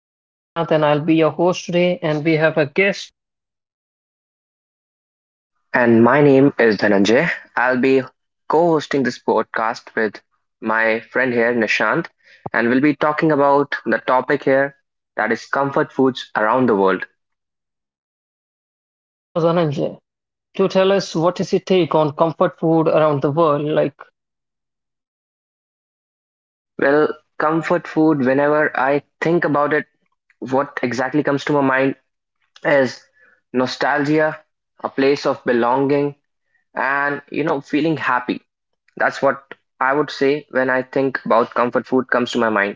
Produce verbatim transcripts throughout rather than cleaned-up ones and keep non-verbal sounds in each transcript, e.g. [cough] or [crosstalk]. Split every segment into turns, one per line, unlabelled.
I'm Nishant and I'll be your host today. And we have a guest,
And my name is Dhananjay. I'll be co hosting this podcast with my friend here, Nishant, and we'll be talking about the topic here that is comfort foods around the world.
so Dhananjay, to tell us what is your take on comfort food around the world. Like,
Well, comfort food, whenever I think about it, what exactly comes to my mind is nostalgia, a place of belonging, and you know, feeling happy. That's what I would say when I think about comfort food comes to my mind.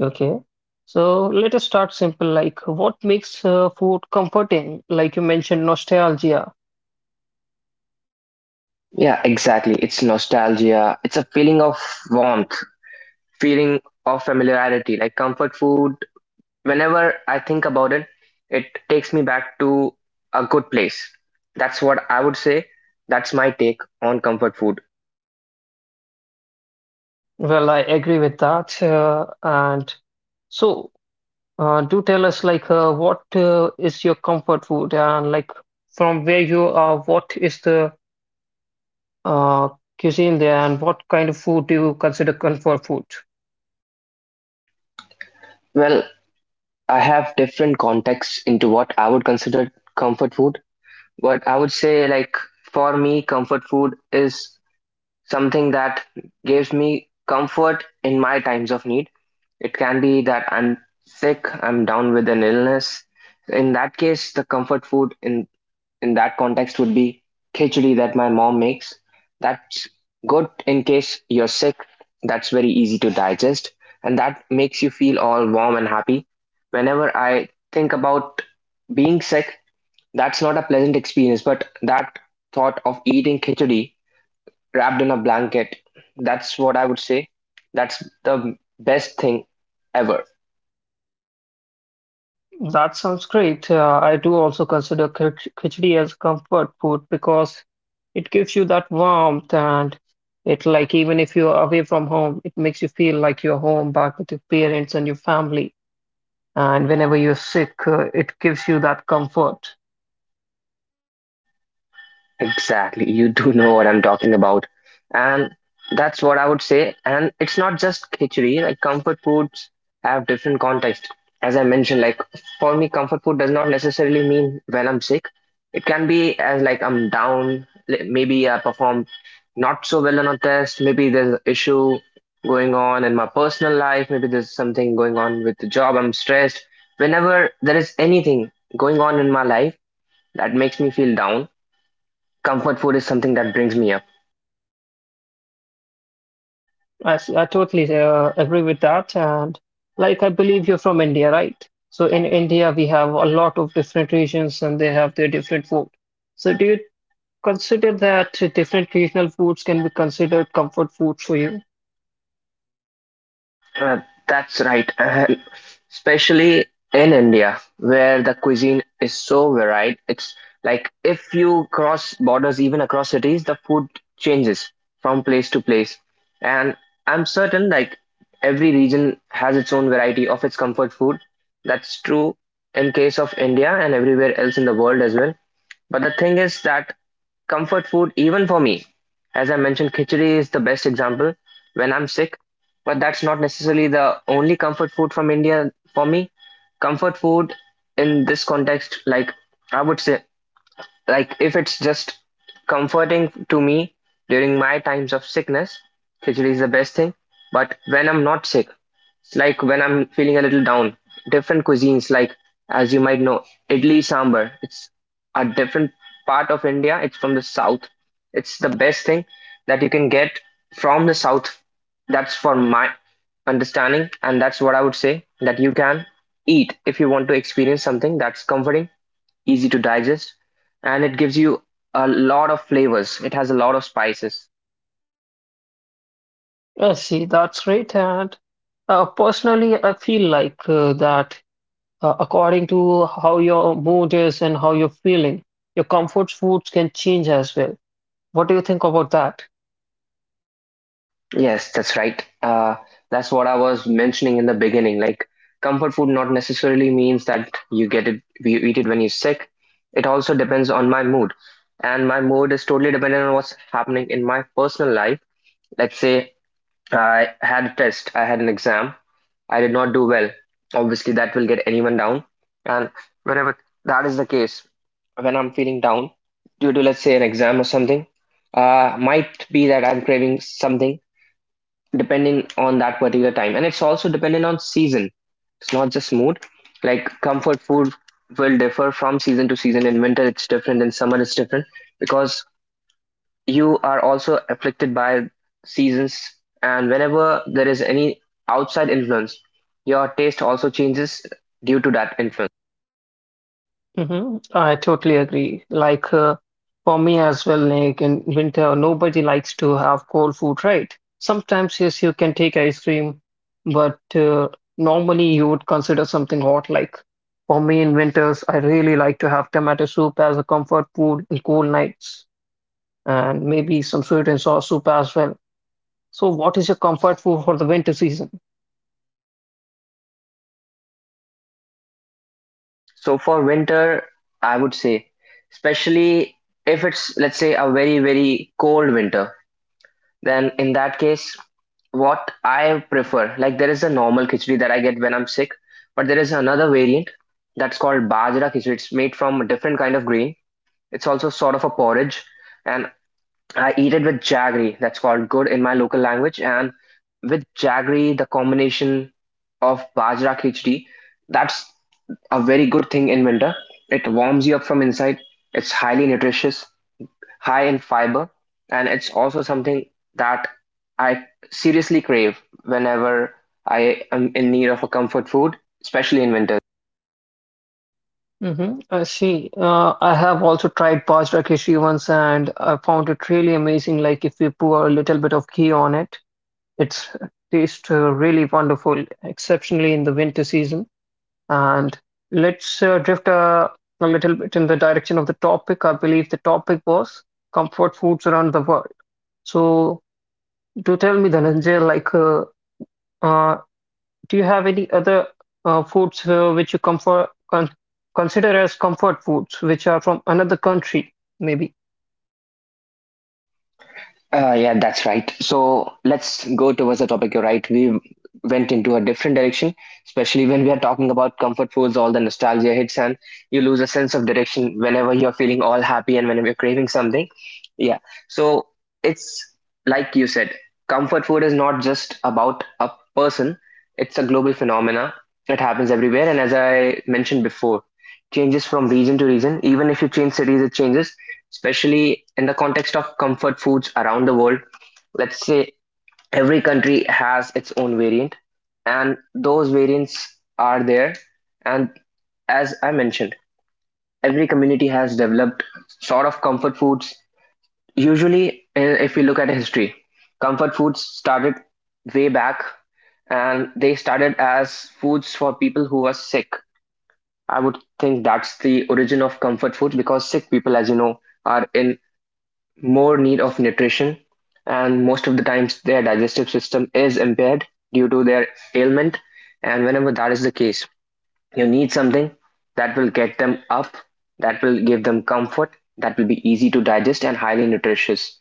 okay. So let us start simple. Like, what makes uh, food comforting? Like you mentioned, nostalgia.
Yeah, exactly. It's nostalgia. It's a feeling of warmth, feeling of familiarity, like comfort food. Whenever I think about it, it takes me back to a good place. That's what I would say. That's my take on comfort food.
Well, I agree with that. Uh, and so, uh, do tell us, like, uh, what uh, is your comfort food? And, like, from where you are, what is the uh, cuisine there and what kind of food do you consider comfort food?
Well, I have different contexts into what I would consider comfort food, but I would say, like, for me, comfort food is something that gives me comfort in my times of need. It can be that I'm sick, I'm down with an illness. In that case, the comfort food in in that context would be khichdi that my mom makes. That's good in case you're sick. That's very easy to digest, and that makes you feel all warm and happy. Whenever I think about being sick, that's not a pleasant experience, but that thought of eating khichdi wrapped in a blanket. That's what I would say. That's the best thing ever.
That sounds great. Uh, I do also consider kh- khichdi as comfort food because it gives you that warmth and it, like, even if you're away from home, it makes you feel like you're home, back with your parents and your family. And whenever you're sick, uh, it gives you that comfort.
Exactly. You do know what I'm talking about. And that's what I would say. And it's not just khichdi, like comfort foods have different context. As I mentioned, like for me, comfort food does not necessarily mean when I'm sick. It can be as like I'm down, li- maybe I perform not so well on a test, maybe there's an issue going on in my personal life, maybe there's something going on with the job, I'm stressed. Whenever there is anything going on in my life that makes me feel down, comfort food is something that brings me up.
I, s- I totally uh, agree with that. And like I believe you're from India, right? So in India, we have a lot of different regions and they have their different food. So do you consider that different regional foods can be considered comfort foods for you?
Uh, that's right. And especially in India, where the cuisine is so varied. It's like if you cross borders, even across cities, the food changes from place to place. And I'm certain like every region has its own variety of its comfort food. That's true in case of India and everywhere else in the world as well. But the thing is that comfort food, even for me, as I mentioned, khichdi is the best example when I'm sick. But that's not necessarily the only comfort food from India for me. Comfort food in this context, like I would say, like if it's just comforting to me during my times of sickness, khichdi is the best thing. But when I'm not sick, like when I'm feeling a little down. Different cuisines, like as you might know, idli sambar. It's a different part of India. It's from the south. It's the best thing that you can get from the south. That's for my understanding, and that's what I would say that you can eat if you want to experience something that's comforting, easy to digest, and it gives you a lot of flavors. It has a lot of spices.
I see, that's great. And uh, personally, I feel like uh, that uh, according to how your mood is and how you're feeling, your comfort foods can change as well. What do you think about that?
Yes, that's right. Uh, that's what I was mentioning in the beginning. Like, comfort food not necessarily means that you get it, you eat it when you're sick. It also depends on my mood. And my mood is totally dependent on what's happening in my personal life. Let's say I had a test, I had an exam, I did not do well. Obviously, that will get anyone down. And whenever that is the case, when I'm feeling down due to, let's say, an exam or something, uh, might be that I'm craving something depending on that particular time, and it's also dependent on season. It's not just mood, like comfort food will differ from season to season. In winter it's different, in summer it's different, because you are also afflicted by seasons. And whenever there is any outside influence, your taste also changes due to that influence.
Hmm. I totally agree. Like uh, for me as well, like in winter, nobody likes to have cold food, right? Sometimes, yes, you can take ice cream, but uh, normally you would consider something hot. Like for me in winters, I really like to have tomato soup as a comfort food in cold nights, and maybe some sweet and sour soup as well. So, what is your comfort food for the winter season?
So for winter, I would say, especially if it's, let's say, a very very cold winter. Then in that case, what I prefer, like there is a normal khichdi that I get when I'm sick, but there is another variant that's called bajra khichdi. It's made from a different kind of grain. It's also sort of a porridge, and I eat it with jaggery. That's called good in my local language. And with jaggery, the combination of bajra khichdi, that's a very good thing in winter. It warms you up from inside. It's highly nutritious, high in fiber, and it's also something that I seriously crave whenever I am in need of a comfort food, especially in winter.
Mm-hmm. I see. Uh, I have also tried Bajra Khichdi once and I found it really amazing. Like if you pour a little bit of ghee on it, it's tastes uh, really wonderful, exceptionally in the winter season. And let's uh, drift uh, a little bit in the direction of the topic. I believe the topic was comfort foods around the world. So do tell me, Dhananjay, like uh, uh, do you have any other uh, foods uh, which you comfort con consider as comfort foods, which are from another country, maybe?
Uh, yeah, that's right. So let's go towards the topic. You're right. We went into a different direction, especially when we are talking about comfort foods, all the nostalgia hits, and you lose a sense of direction whenever you're feeling all happy and whenever you're craving something. Yeah. So it's like you said, comfort food is not just about a person, it's a global phenomena. It happens everywhere. And as I mentioned before, changes from region to region. Even if you change cities, it changes especially in the context of comfort foods around the world. Let's say every country has its own variant, and those variants are there. And as I mentioned, every community has developed sort of comfort foods. Usually, eh, if we look at history, comfort foods started way back and they started as foods for people who were sick. I would think that's the origin of comfort foods because sick people, as you know, are in more need of nutrition, and most of the times their digestive system is impaired due to their ailment. And whenever that is the case, you need something that will get them up, that will give them comfort, that will be easy to digest and highly nutritious.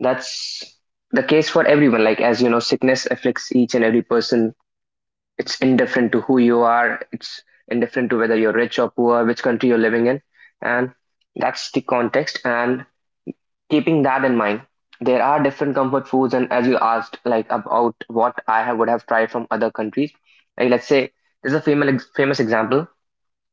That's the case for everyone. Like, as you know, sickness afflicts each and every person. It's indifferent to who you are, it's indifferent to whether you're rich or poor, which country you're living in. And that's the context. And keeping that in mind, there are different comfort foods, and as you asked, like about what I have, would have tried from other countries. Like let's say there's a famous famous example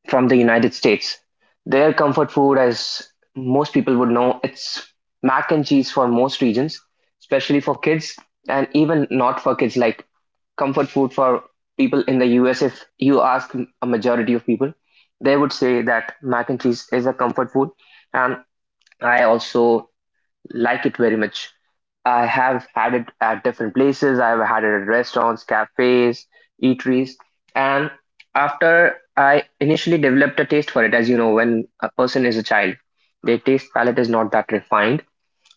from the United States. Their comfort food, as most people would know, it's mac and cheese for most regions, especially for kids, and even not for kids. Like comfort food for people in the U S, if you ask a majority of people, they would say that mac and cheese is a comfort food. And I also like it very much. I have had it at different places. I've had it at restaurants, cafes, eateries, and after I initially developed a taste for it, as you know, when a person is a child, their taste palette is not that refined.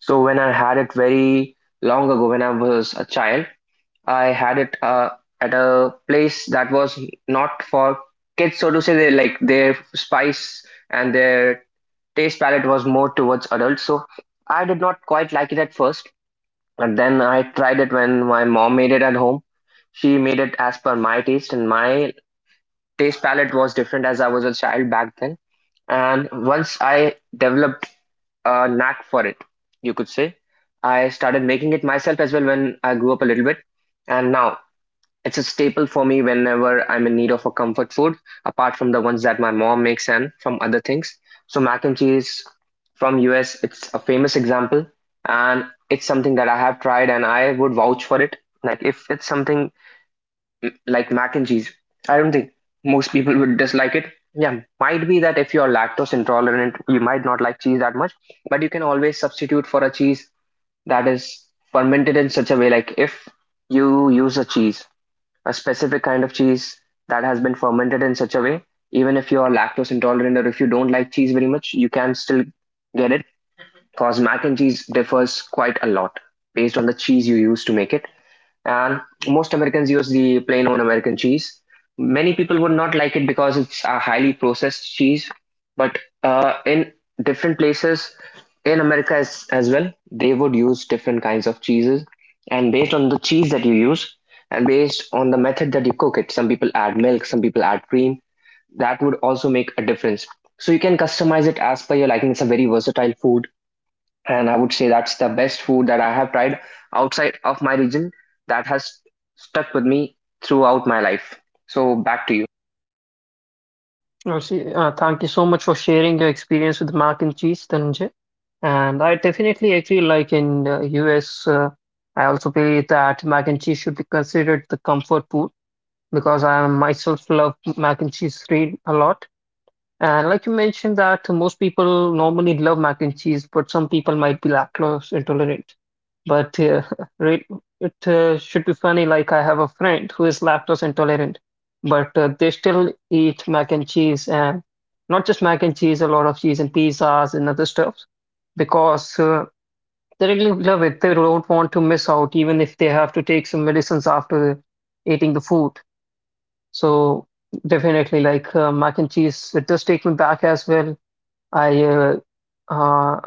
So when I had it very long ago, when I was a child, I had it uh, at a place that was not for kids, so to say. They like their spice and their taste palette was more towards adult, so I did not quite like it at first. But then I tried it when my mom made it at home. She made it as per my taste, and my taste palette was different as I was a child back then. And once I developed a knack for it, you could say, I started making it myself as well when I grew up a little bit. And now it's a staple for me whenever I'm in need of a comfort food, apart from the ones that my mom makes and from other things. So mac and cheese from U S, it's a famous example, and it's something that I have tried and I would vouch for it. Like if it's something mm, like mac and cheese, I don't think most people would dislike it. Yeah, might be that if you're lactose intolerant, you might not like cheese that much, but you can always substitute for a cheese that is fermented in such a way like if you use a cheese a specific kind of cheese that has been fermented in such a way, even if you are lactose intolerant or if you don't like cheese very much, you can still get it because mac and cheese differs quite a lot based on the cheese you use to make it and most Americans use the plain old American cheese. Many people would not like it because it's a highly processed cheese, but uh, in different places in America as, as well, they would use different kinds of cheeses, and based on the cheese that you use, and based on the method that you cook it, some people add milk, some people add cream. That would also make a difference. So you can customize it as per your liking. It's a very versatile food and I would say that's the best food that I have tried outside of my region that has stuck with me throughout my life. So back to you.
Oh, see, uh, thank you so much for sharing your experience with mac and cheese, Dhananjay. And I definitely agree, like in the U S, uh, I also believe that mac and cheese should be considered the comfort food, because I myself love mac and cheese really a lot. And like you mentioned, that most people normally love mac and cheese, but some people might be lactose intolerant. But uh, [laughs] re- it uh, should be funny. Like I have a friend who is lactose intolerant, but uh, they still eat mac and cheese, and not just mac and cheese, a lot of cheese and pizzas and other stuffs, because uh, they really love it. They don't want to miss out, even if they have to take some medicines after eating the food. So definitely, like uh, mac and cheese, it does take me back as well. I uh, uh,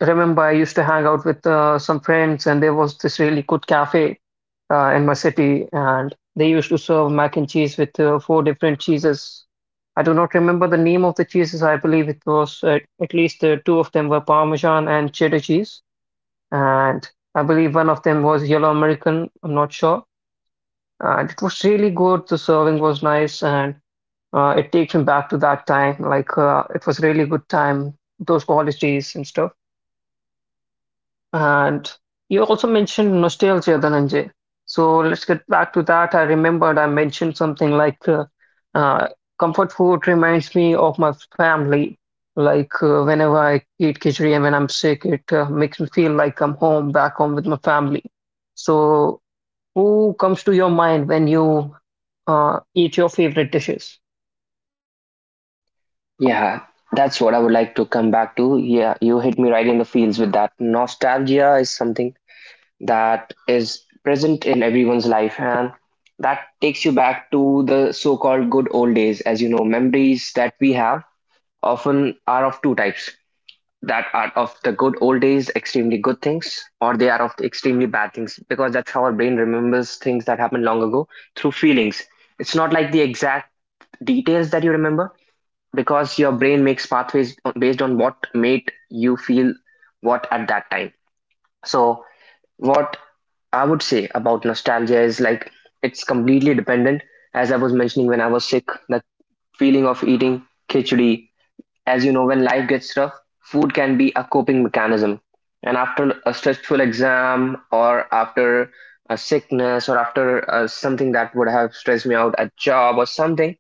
remember I used to hang out with uh, some friends, and there was this really good cafe uh, in my city, and they used to serve mac and cheese with uh, four different cheeses. I do not remember the name of the cheeses. I believe it was uh, at least uh, two of them were Parmesan and cheddar cheese, and I believe one of them was yellow American. I'm not sure, and it was really good. The serving was nice, and uh, it takes me back to that time. Like uh, it was really good time, those college days and stuff. And you also mentioned nostalgia, Dhananjay. So let's get back to that. I remembered I mentioned something like uh, uh, comfort food reminds me of my family. Like uh, whenever I eat khichdi and when I'm sick, it uh, makes me feel like I'm home, back home with my family. So who comes to your mind when you uh, eat your favorite dishes?
Yeah, that's what I would like to come back to. Yeah, you hit me right in the feels with that. Nostalgia is something that is present in everyone's life and that takes you back to the so-called good old days. As you know, memories that we have often are of two types that are of the good old days, extremely good things, or they are of the extremely bad things, because that's how our brain remembers things that happened long ago through feelings. It's not like the exact details that you remember, because your brain makes pathways based on what made you feel what at that time. So, what I would say about nostalgia is like it's completely dependent. As I was mentioning when I was sick, the feeling of eating khichdi, as you know, when life gets rough, food can be a coping mechanism. And after a stressful exam, or after a sickness, or after uh, something that would have stressed me out, a job or something,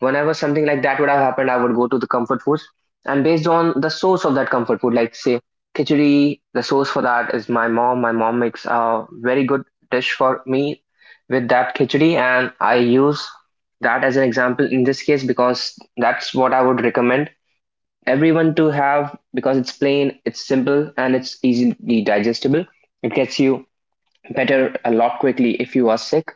whenever something like that would have happened, I would go to the comfort foods. And based on the source of that comfort food, like say khichdi, the source for that is my mom. My mom makes a very good dish for me with that khichdi, and I use that as an example in this case because that's what I would recommend everyone to have because it's plain, it's simple, and it's easily digestible. It gets you better a lot quickly if you are sick.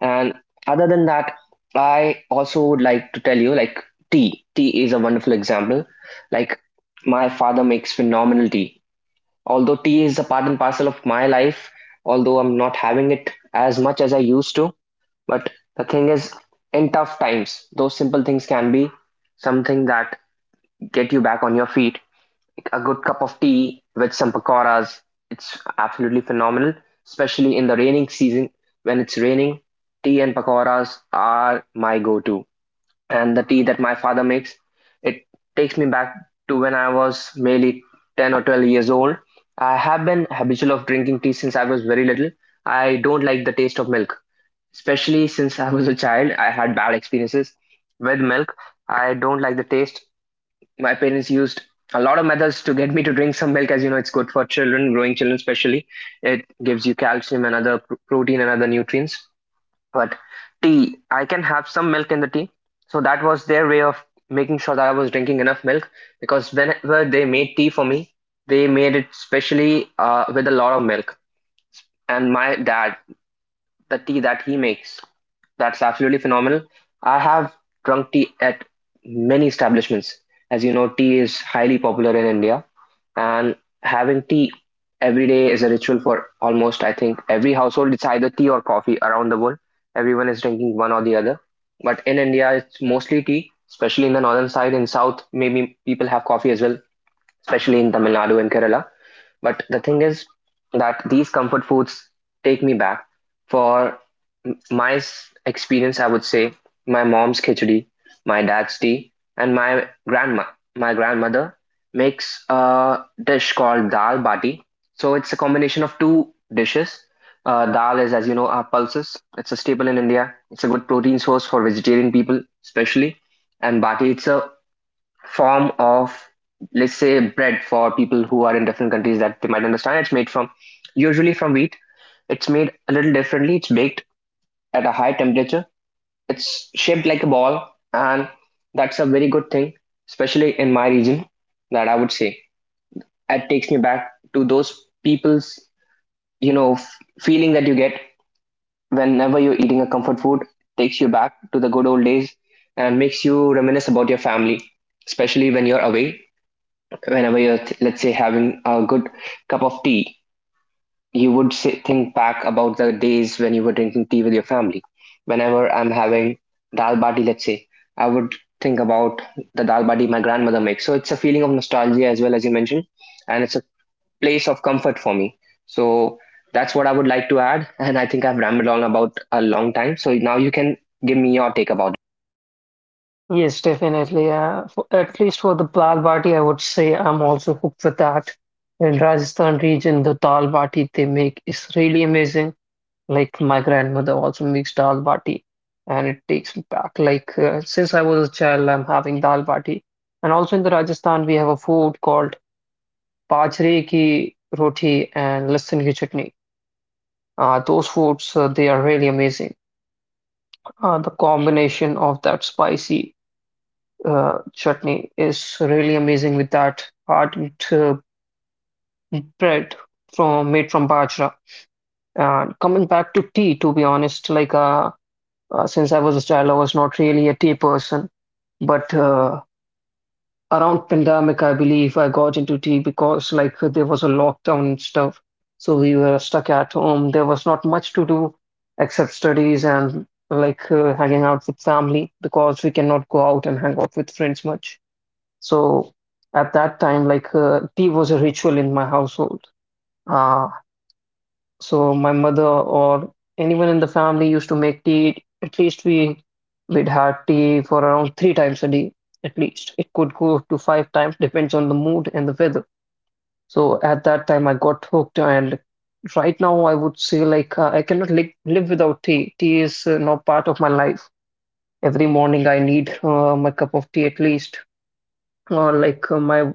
And other than that, I also would like to tell you, like, tea. Tea is a wonderful example. Like, my father makes phenomenal tea. Although tea is a part and parcel of my life, although I'm not having it as much as I used to, but the thing is, in tough times, those simple things can be something that get you back on your feet, a good cup of tea with some pakoras. It's absolutely phenomenal, especially in the raining season. When it's raining, tea and pakoras are my go-to. And the tea that my father makes, it takes me back to when I was maybe ten or twelve years old. I have been habitual of drinking tea since I was very little. I don't like the taste of milk, especially since I was a child. I had bad experiences with milk. I don't like the taste. My parents used a lot of methods to get me to drink some milk, as you know, it's good for children, growing children especially. It gives you calcium and other pr- protein and other nutrients. But tea, I can have some milk in the tea, so that was their way of making sure that I was drinking enough milk, because whenever they made tea for me, they made it specially uh, with a lot of milk. And my dad, the tea that he makes, that's absolutely phenomenal. I have drunk tea at many establishments. As you know, tea is highly popular in India, and having tea every day is a ritual for almost, I think, every household. It's either tea or coffee around the world. Everyone is drinking one or the other. But in India, it's mostly tea, especially in the northern side. In south, maybe people have coffee as well, especially in Tamil Nadu and Kerala. But the thing is that these comfort foods take me back. For my experience, I would say my mom's khichdi, my dad's tea, and my grandma, my grandmother makes a dish called dal bati. So it's a combination of two dishes. Uh, dal is, as you know, our pulses. It's a staple in India. It's a good protein source for vegetarian people, especially. And bati, it's a form of, let's say, bread for people who are in different countries, that they might understand. It's made from, usually from wheat. It's made a little differently. It's baked at a high temperature. It's shaped like a ball, and that's a very good thing, especially in my region, that I would say it takes me back to those people's, you know f- feeling that you get whenever you're eating a comfort food takes you back to the good old days and makes you reminisce about your family, especially when you're away. Whenever you're th- let's say having a good cup of tea, you would say, think back about the days when you were drinking tea with your family. Whenever I'm having dal bati, let's say, I would think about the dal bati my grandmother makes. So it's a feeling of nostalgia as well, as you mentioned, and it's a place of comfort for me. So that's what I would like to add. [laughs] And I think I've rambled on about a long time, so now you can give me your take about
Yes, definitely. Uh, for, at least for the dal bati, I would say I'm also hooked for that. In Rajasthan region, the dal bati they make is really amazing. Like my grandmother also makes dal bati, and it takes me back. Like uh, since I was a child, I'm having dal bati. And also in the Rajasthan, we have a food called bajre ki roti and lasan ki chutney. Uh, those foods, uh, they are really amazing. Uh, the combination of that spicy. uh, chutney is really amazing with that hardened uh, bread from made from bajra. And coming back to tea, to be honest, like uh, uh, since I was a child, I was not really a tea person, but uh, around pandemic, I believe I got into tea, because like there was a lockdown and stuff, so we were stuck at home. There was not much to do except studies and, like, uh, hanging out with family, because we cannot go out and hang out with friends much. So at that time, like, uh, tea was a ritual in my household. Uh, so my mother or anyone in the family used to make tea. At least we we'd had tea for around three times a day. At least it could go to five times, depends on the mood and the weather. So at that time, I got hooked, and right now I would say like uh, I cannot live live without tea. Tea is uh, now part of my life. Every morning I need uh, my cup of tea at least, or like uh, my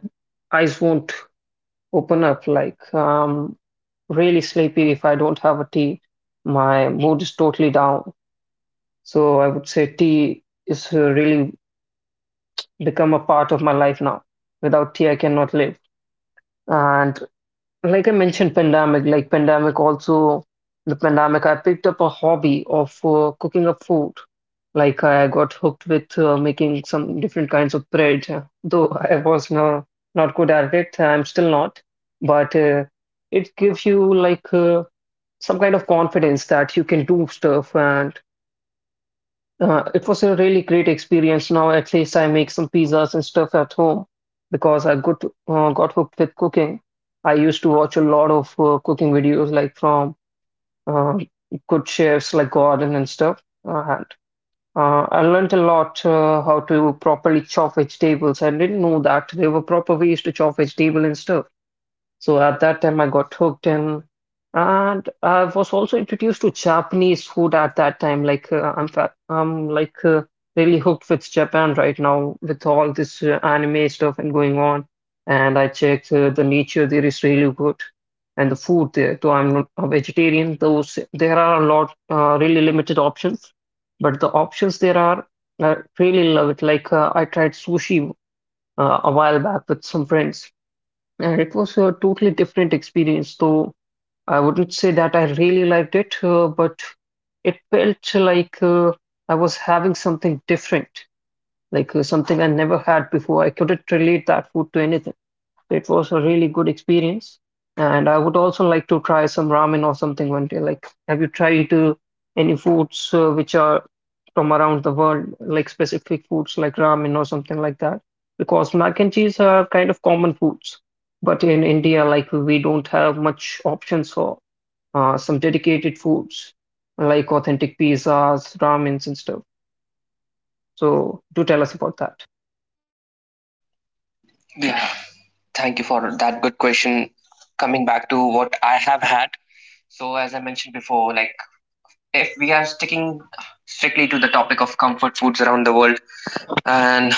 eyes won't open up. Like, um, really sleepy if I don't have a tea. My mood is totally down. So I would say tea is uh, really become a part of my life now. Without tea, I cannot live. And like I mentioned, pandemic, like pandemic also, the pandemic, I picked up a hobby of uh, cooking up food. Like I got hooked with uh, making some different kinds of bread, uh, though I was no, not good at it. I'm still not, but uh, it gives you like uh, some kind of confidence that you can do stuff, and uh, it was a really great experience. Now at least I make some pizzas and stuff at home because I got uh, got hooked with cooking. I used to watch a lot of uh, cooking videos like from uh, good chefs like Gordon and stuff. And uh, I learned a lot uh, how to properly chop vegetables. I didn't know that there were proper ways to chop vegetable and stuff. So at that time, I got hooked in, and I was also introduced to Japanese food at that time. Like uh, I'm, fa I'm like uh, really hooked with Japan right now with all this uh, anime stuff and going on. And I checked uh, the nature there is really good, and the food there. Though I'm not a vegetarian, those there are a lot uh, really limited options, but the options there are, I really love it. Like uh, I tried sushi uh, a while back with some friends. Uh, It was a totally different experience, though I wouldn't say that I really liked it, uh, but it felt like uh, I was having something different, like uh, something I never had before. I couldn't relate that food to anything. It was a really good experience. And I would also like to try some ramen or something one day. Like, have you tried uh, any foods uh, which are from around the world, like specific foods like ramen or something like that? Because mac and cheese are kind of common foods, but in India, like, we don't have much options for uh, some dedicated foods like authentic pizzas, ramens, and stuff. So, do tell us about that.
it. Yeah, thank you for that good question. Coming back to what I have had, so, as I mentioned before, like if we are sticking strictly to the topic of comfort foods around the world, and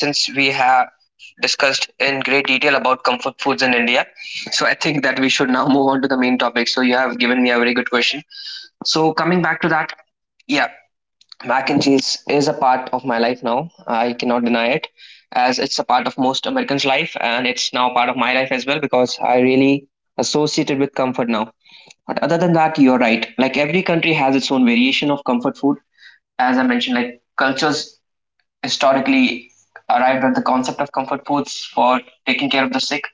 since we have discussed in great detail about comfort foods in India, so I think that we should now move on to the main topic. So, you have given me a very good question. So, coming back to that, yeah, mac and cheese is a part of my life now. I cannot deny it, as it's a part of most Americans' life, and it's now part of my life as well because I really associate it with comfort now. But other than that, you're right. Like, every country has its own variation of comfort food. As I mentioned, like cultures historically arrived at the concept of comfort foods for taking care of the sick.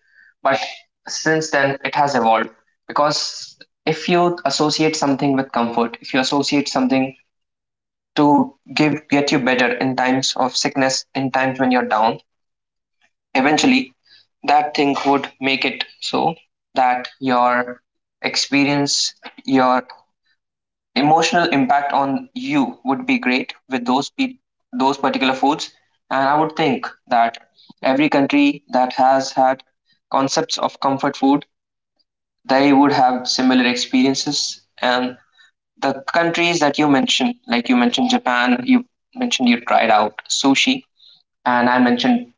But since then, it has evolved because if you associate something with comfort, if you associate something to give get you better in times of sickness, in times when you're down, eventually that thing would make it so that your experience, your emotional impact on you would be great with those pe- those particular foods. And I would think that every country that has had concepts of comfort food, they would have similar experiences. And the countries that you mentioned, like you mentioned Japan, you mentioned you tried out sushi, and I mentioned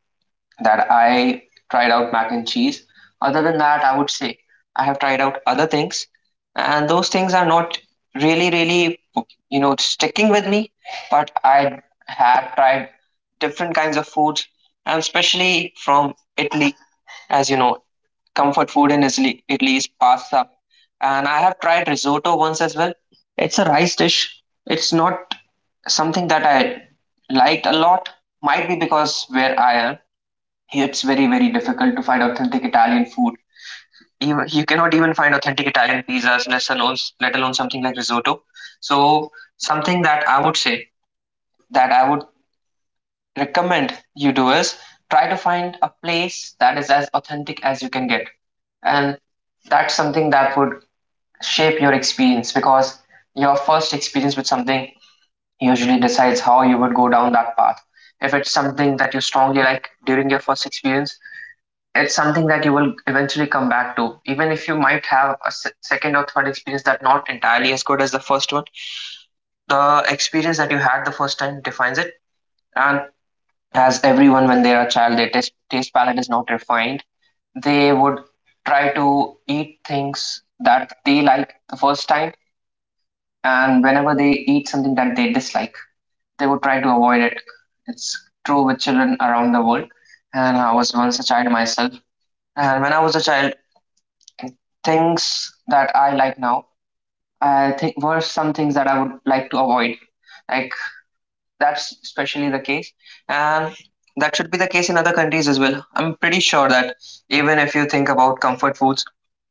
that I tried out mac and cheese. Other than that, I would say I have tried out other things, and those things are not really, really, you know, sticking with me. But I had tried different kinds of foods, and especially from Italy, as you know, comfort food in Italy, Italy, is pasta, and I have tried risotto once as well. It's a rice dish. It's not something that I liked a lot. Might be because where I am, hey, it's very, very difficult to find authentic Italian food. Even, you cannot even find authentic Italian pizzas, let alone, let alone something like risotto. So, something that I would say that I would recommend you do is try to find a place that is as authentic as you can get. And that's something that would shape your experience because your first experience with something usually decides how you would go down that path. If it's something that you strongly like during your first experience, it's something that you will eventually come back to, even if you might have a se- second or third experience that not entirely as good as the first one. The experience that you had the first time defines it. And as everyone, when they are a child, their taste, taste palette is not refined. They would try to eat things that they like the first time, and whenever they eat something that they dislike, they would try to avoid it. It's true with children around the world. And I was once a child myself, and when I was a child, things that I like now, I think, were some things that I would like to avoid. Like, that's especially the case, and that should be the case in other countries as well. I'm pretty sure that even if you think about comfort foods,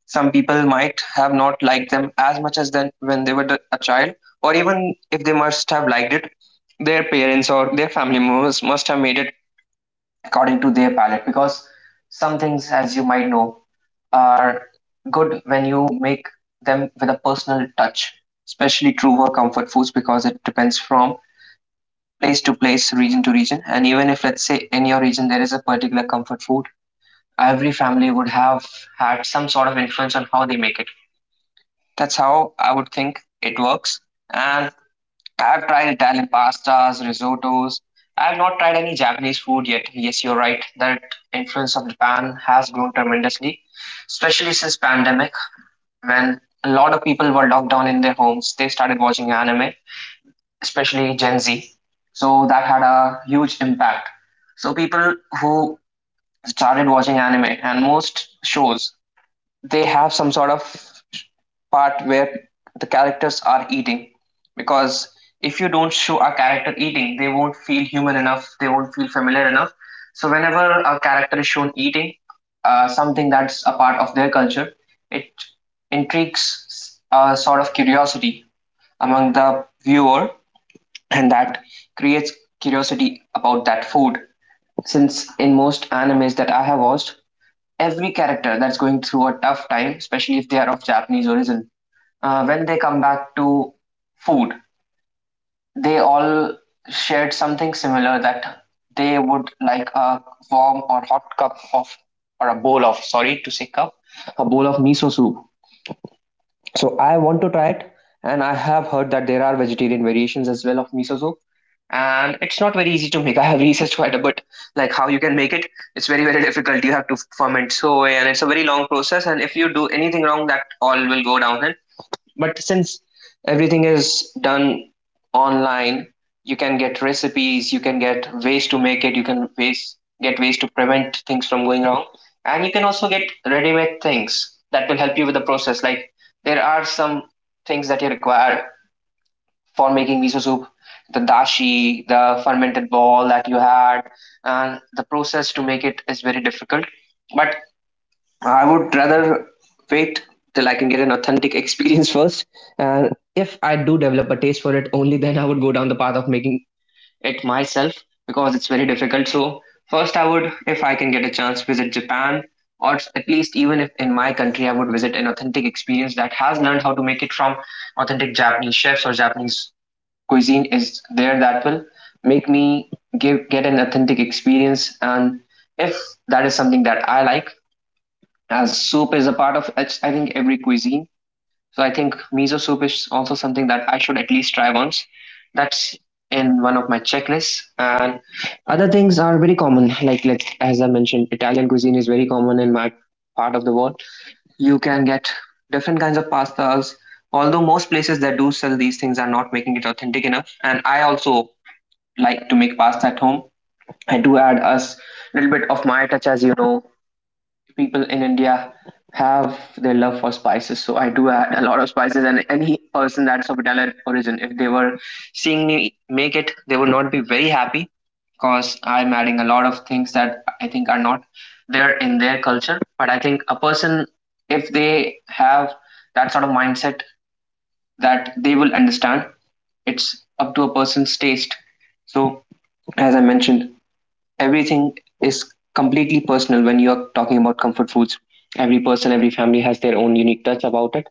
some people might have not liked them as much as then when they were the- a child, or even if they must have liked it, their parents or their family members must have made it according to their palate because some things, as you might know, are good when you make them with a personal touch. Especially true for comfort foods because it depends from place to place, region to region. And even if, let's say, in your region there is a particular comfort food, every family would have had some sort of influence on how they make it. That's how I would think it works. And I've tried Italian pastas, risottos. I've not tried any Japanese food yet. Yes, you're right. That influence of Japan has grown tremendously, especially since pandemic. When a lot of people were locked down in their homes, they started watching anime, especially Gen Z. So that had a huge impact. So people who started watching anime and most shows, they have some sort of part where the characters are eating, because if you don't show a character eating, they won't feel human enough, they won't feel familiar enough. So whenever a character is shown eating uh, something that's a part of their culture, it intrigues a sort of curiosity among the viewer, and that creates curiosity about that food. Since in most animes that I have watched, every character that's going through a tough time, especially if they are of Japanese origin, uh, when they come back to food, they all shared something similar, that they would like a warm or hot cup of, or a bowl of, sorry to say cup, a bowl of miso soup. So I want to try it, and I have heard that there are vegetarian variations as well of miso soup. And it's not very easy to make. I have researched quite a bit, like how you can make it. It's very, very difficult. You have to ferment soy, and it's a very long process. And if you do anything wrong, that all will go downhill. But since everything is done online, you can get recipes, you can get ways to make it, you can ways get ways to prevent things from going wrong, and you can also get ready-made things that will help you with the process. Like there are some things that you require for making miso soup, the dashi, the fermented ball that you had, and the process to make it is very difficult. But I would rather wait till I can get an authentic [laughs] experience first. And if I do develop a taste for it, only then I would go down the path of making it myself, because it's very difficult. So, first, I would, if I can get a chance, visit Japan, or at least even if in my country, I would visit an authentic experience that has learned how to make it from authentic Japanese chefs, or Japanese cuisine is there that will make me give get an authentic experience. And if that is something that I like, as soup is a part of ex- I think every cuisine. So I think miso soup is also something that I should at least try once. That's in one of my checklists. And other things are very common. Like like as I mentioned, Italian cuisine is very common in my part of the world. You can get different kinds of pastas. Although most places that do sell these things are not making it authentic enough. And I also like to make pasta at home. I do add a s- little bit of my touch. As you know, people in India have their love for spices. So I do add a lot of spices, and any person that's of Italian origin, if they were seeing me make it, they would not be very happy because I'm adding a lot of things that I think are not there in their culture. But I think a person, if they have that sort of mindset, that they will understand. It's up to a person's taste. So, as I mentioned, everything is completely personal when you are talking about comfort foods. Every person, every family has their own unique touch about it.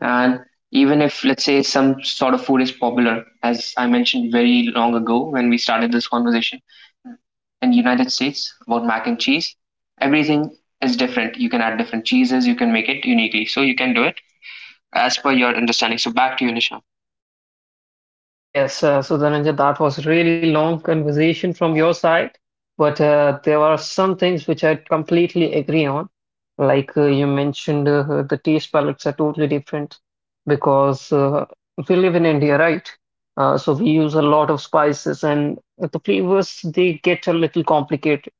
And even if, let's say, some sort of food is popular, as I mentioned very long ago when we started this conversation in the United States about mac and cheese, everything is different. You can add different cheeses, you can make it uniquely. So you can do it as per your understanding. So back to you, Nisha.
Yes, uh, so Dhananjay, that was really long conversation from your side, but uh, there are some things which I completely agree on. Like uh, you mentioned, uh, the taste palettes are totally different because uh, we live in India, right? Uh, so we use a lot of spices, and the flavors they get a little complicated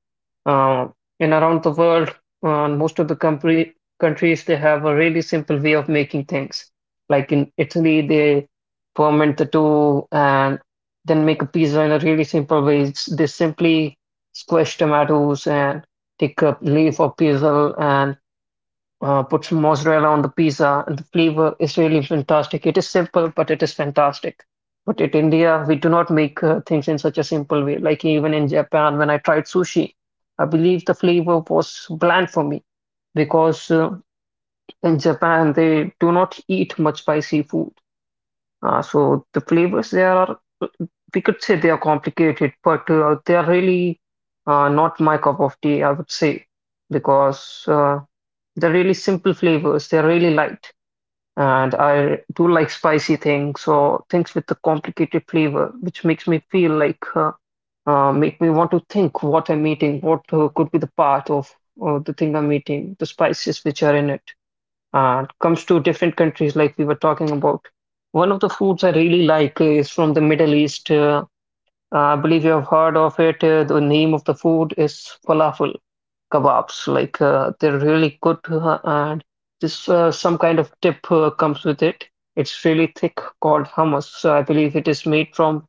uh, in around the world, uh, most of the country, countries they have a really simple way of making things. Like in Italy, they ferment the dough and then make a pizza in a really simple way. It's, they simply squash tomatoes and take a leaf of basil and uh, put some mozzarella on the pizza, and the flavor is really fantastic. It is simple, but it is fantastic. But in India, we do not make uh, things in such a simple way. Like even in Japan, when I tried sushi, I believe the flavor was bland for me, because uh, in Japan they do not eat much spicy food. Uh, so the flavors there are, we could say they are complicated, but uh, they are really uh, not my cup of tea, I would say, because uh, they're really simple flavors. They're really light. And I do like spicy things or things with a complicated flavor, which makes me feel like uh, uh, make me want to think what I'm eating, what uh, could be the part of uh, the thing I'm eating, the spices which are in it. And comes to different countries like we were talking about. One of the foods I really like is from the Middle East. Uh, uh, I believe you have heard of it. Uh, the name of the food is falafel kebabs. Like uh, they're really good, uh, and this uh, some kind of dip uh, comes with it. It's really thick, called hummus. So I believe it is made from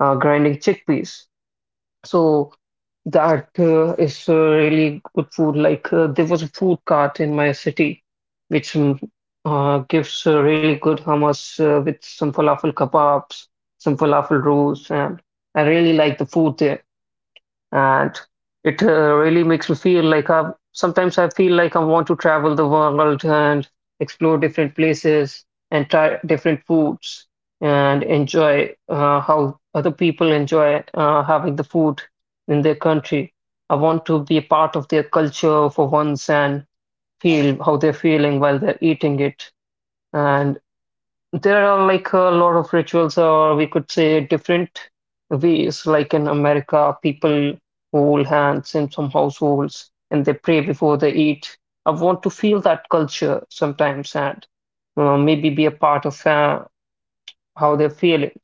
uh, grinding chickpeas. So that uh, is uh, really good food. Like uh, there was a food cart in my city, which mm, uh, gives uh, really good hummus uh, with some falafel kebabs, some falafel rolls, and I really like the food there, and it uh, really makes me feel like I, sometimes I feel like I want to travel the world and explore different places and try different foods and enjoy uh, how other people enjoy uh, having the food in their country. I want to be a part of their culture for once and feel how they're feeling while they're eating it. And there are, like, a lot of rituals, or we could say different ways. Like in America, people hold hands in some households and they pray before they eat. I want to feel that culture sometimes and uh, maybe be a part of uh, how they're feeling.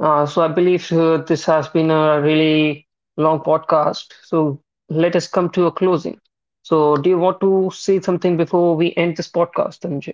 Uh, so I believe uh, this has been a really long podcast. So let us come to a closing. So do you want to say something before we end this podcast, Anjay?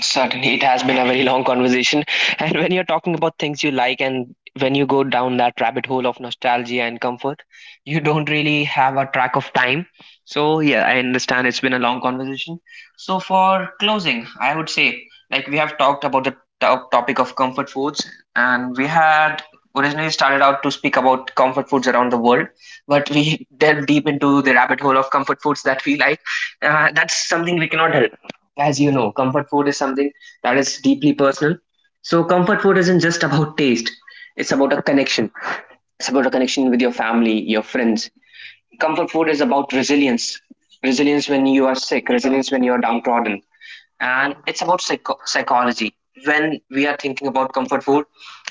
Certainly, it has been a very long conversation. [laughs] And when you're talking about things you like, and when you go down that rabbit hole of nostalgia and comfort, you don't really have a track of time. So, yeah, I understand it's been a long conversation. So, for closing, I would say, like, we have talked about the top topic of comfort foods, and we had originally started out to speak about comfort foods around the world, but we [laughs] delved deep into the rabbit hole of comfort foods that we like. Uh, that's something we cannot help. As you know, comfort food is something that is deeply personal. So, comfort food isn't just about taste, it's about a connection. It's about a connection with your family, your friends. Comfort food is about resilience, resilience when you are sick, resilience when you are downtrodden. And it's about psycho- psychology. When we are thinking about comfort food,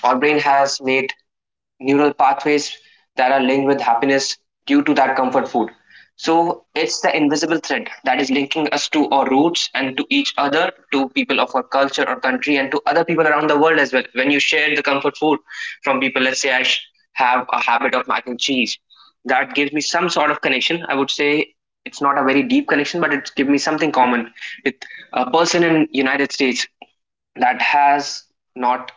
our brain has made neural pathways that are linked with happiness due to that comfort food. So it's the invisible thread that is linking us to our roots and to each other, to people of our culture or country, and to other people around the world as well. When you share the comfort food from people, let's say I have a habit of mac and cheese, that gives me some sort of connection. I would say it's not a very deep connection, but it gives me something common with a person in United States that has not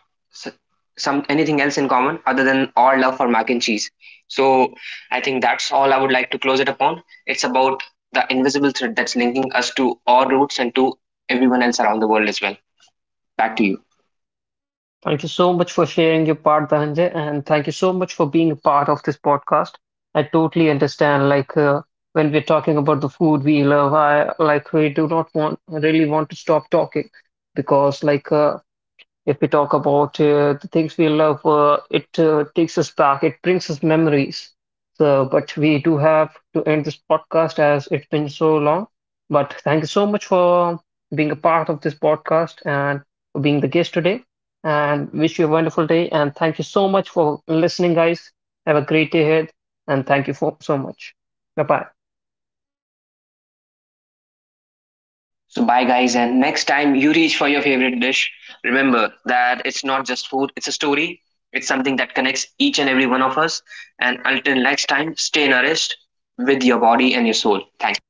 some anything else in common other than our love for mac and cheese. So I think that's all I would like to close it upon. It's about the invisible thread that's linking us to our roots and to everyone else around the world as well. Back to you.
Thank you so much for sharing your part, Dhananjay, and thank you so much for being a part of this podcast. I totally understand, like uh, when we're talking about the food we love, I, like, we do not want really want to stop talking, because like uh, if we talk about uh, the things we love, uh, it uh, takes us back, it brings us memories. So, but we do have to end this podcast as it's been so long. But thank you so much for being a part of this podcast and for being the guest today. And wish you a wonderful day. And thank you so much for listening, guys. Have a great day ahead. And thank you for so much. Bye bye.
So bye guys, and next time you reach for your favorite dish, remember that it's not just food, it's a story. It's something that connects each and every one of us. And until next time, stay nourished with your body and your soul. Thank you.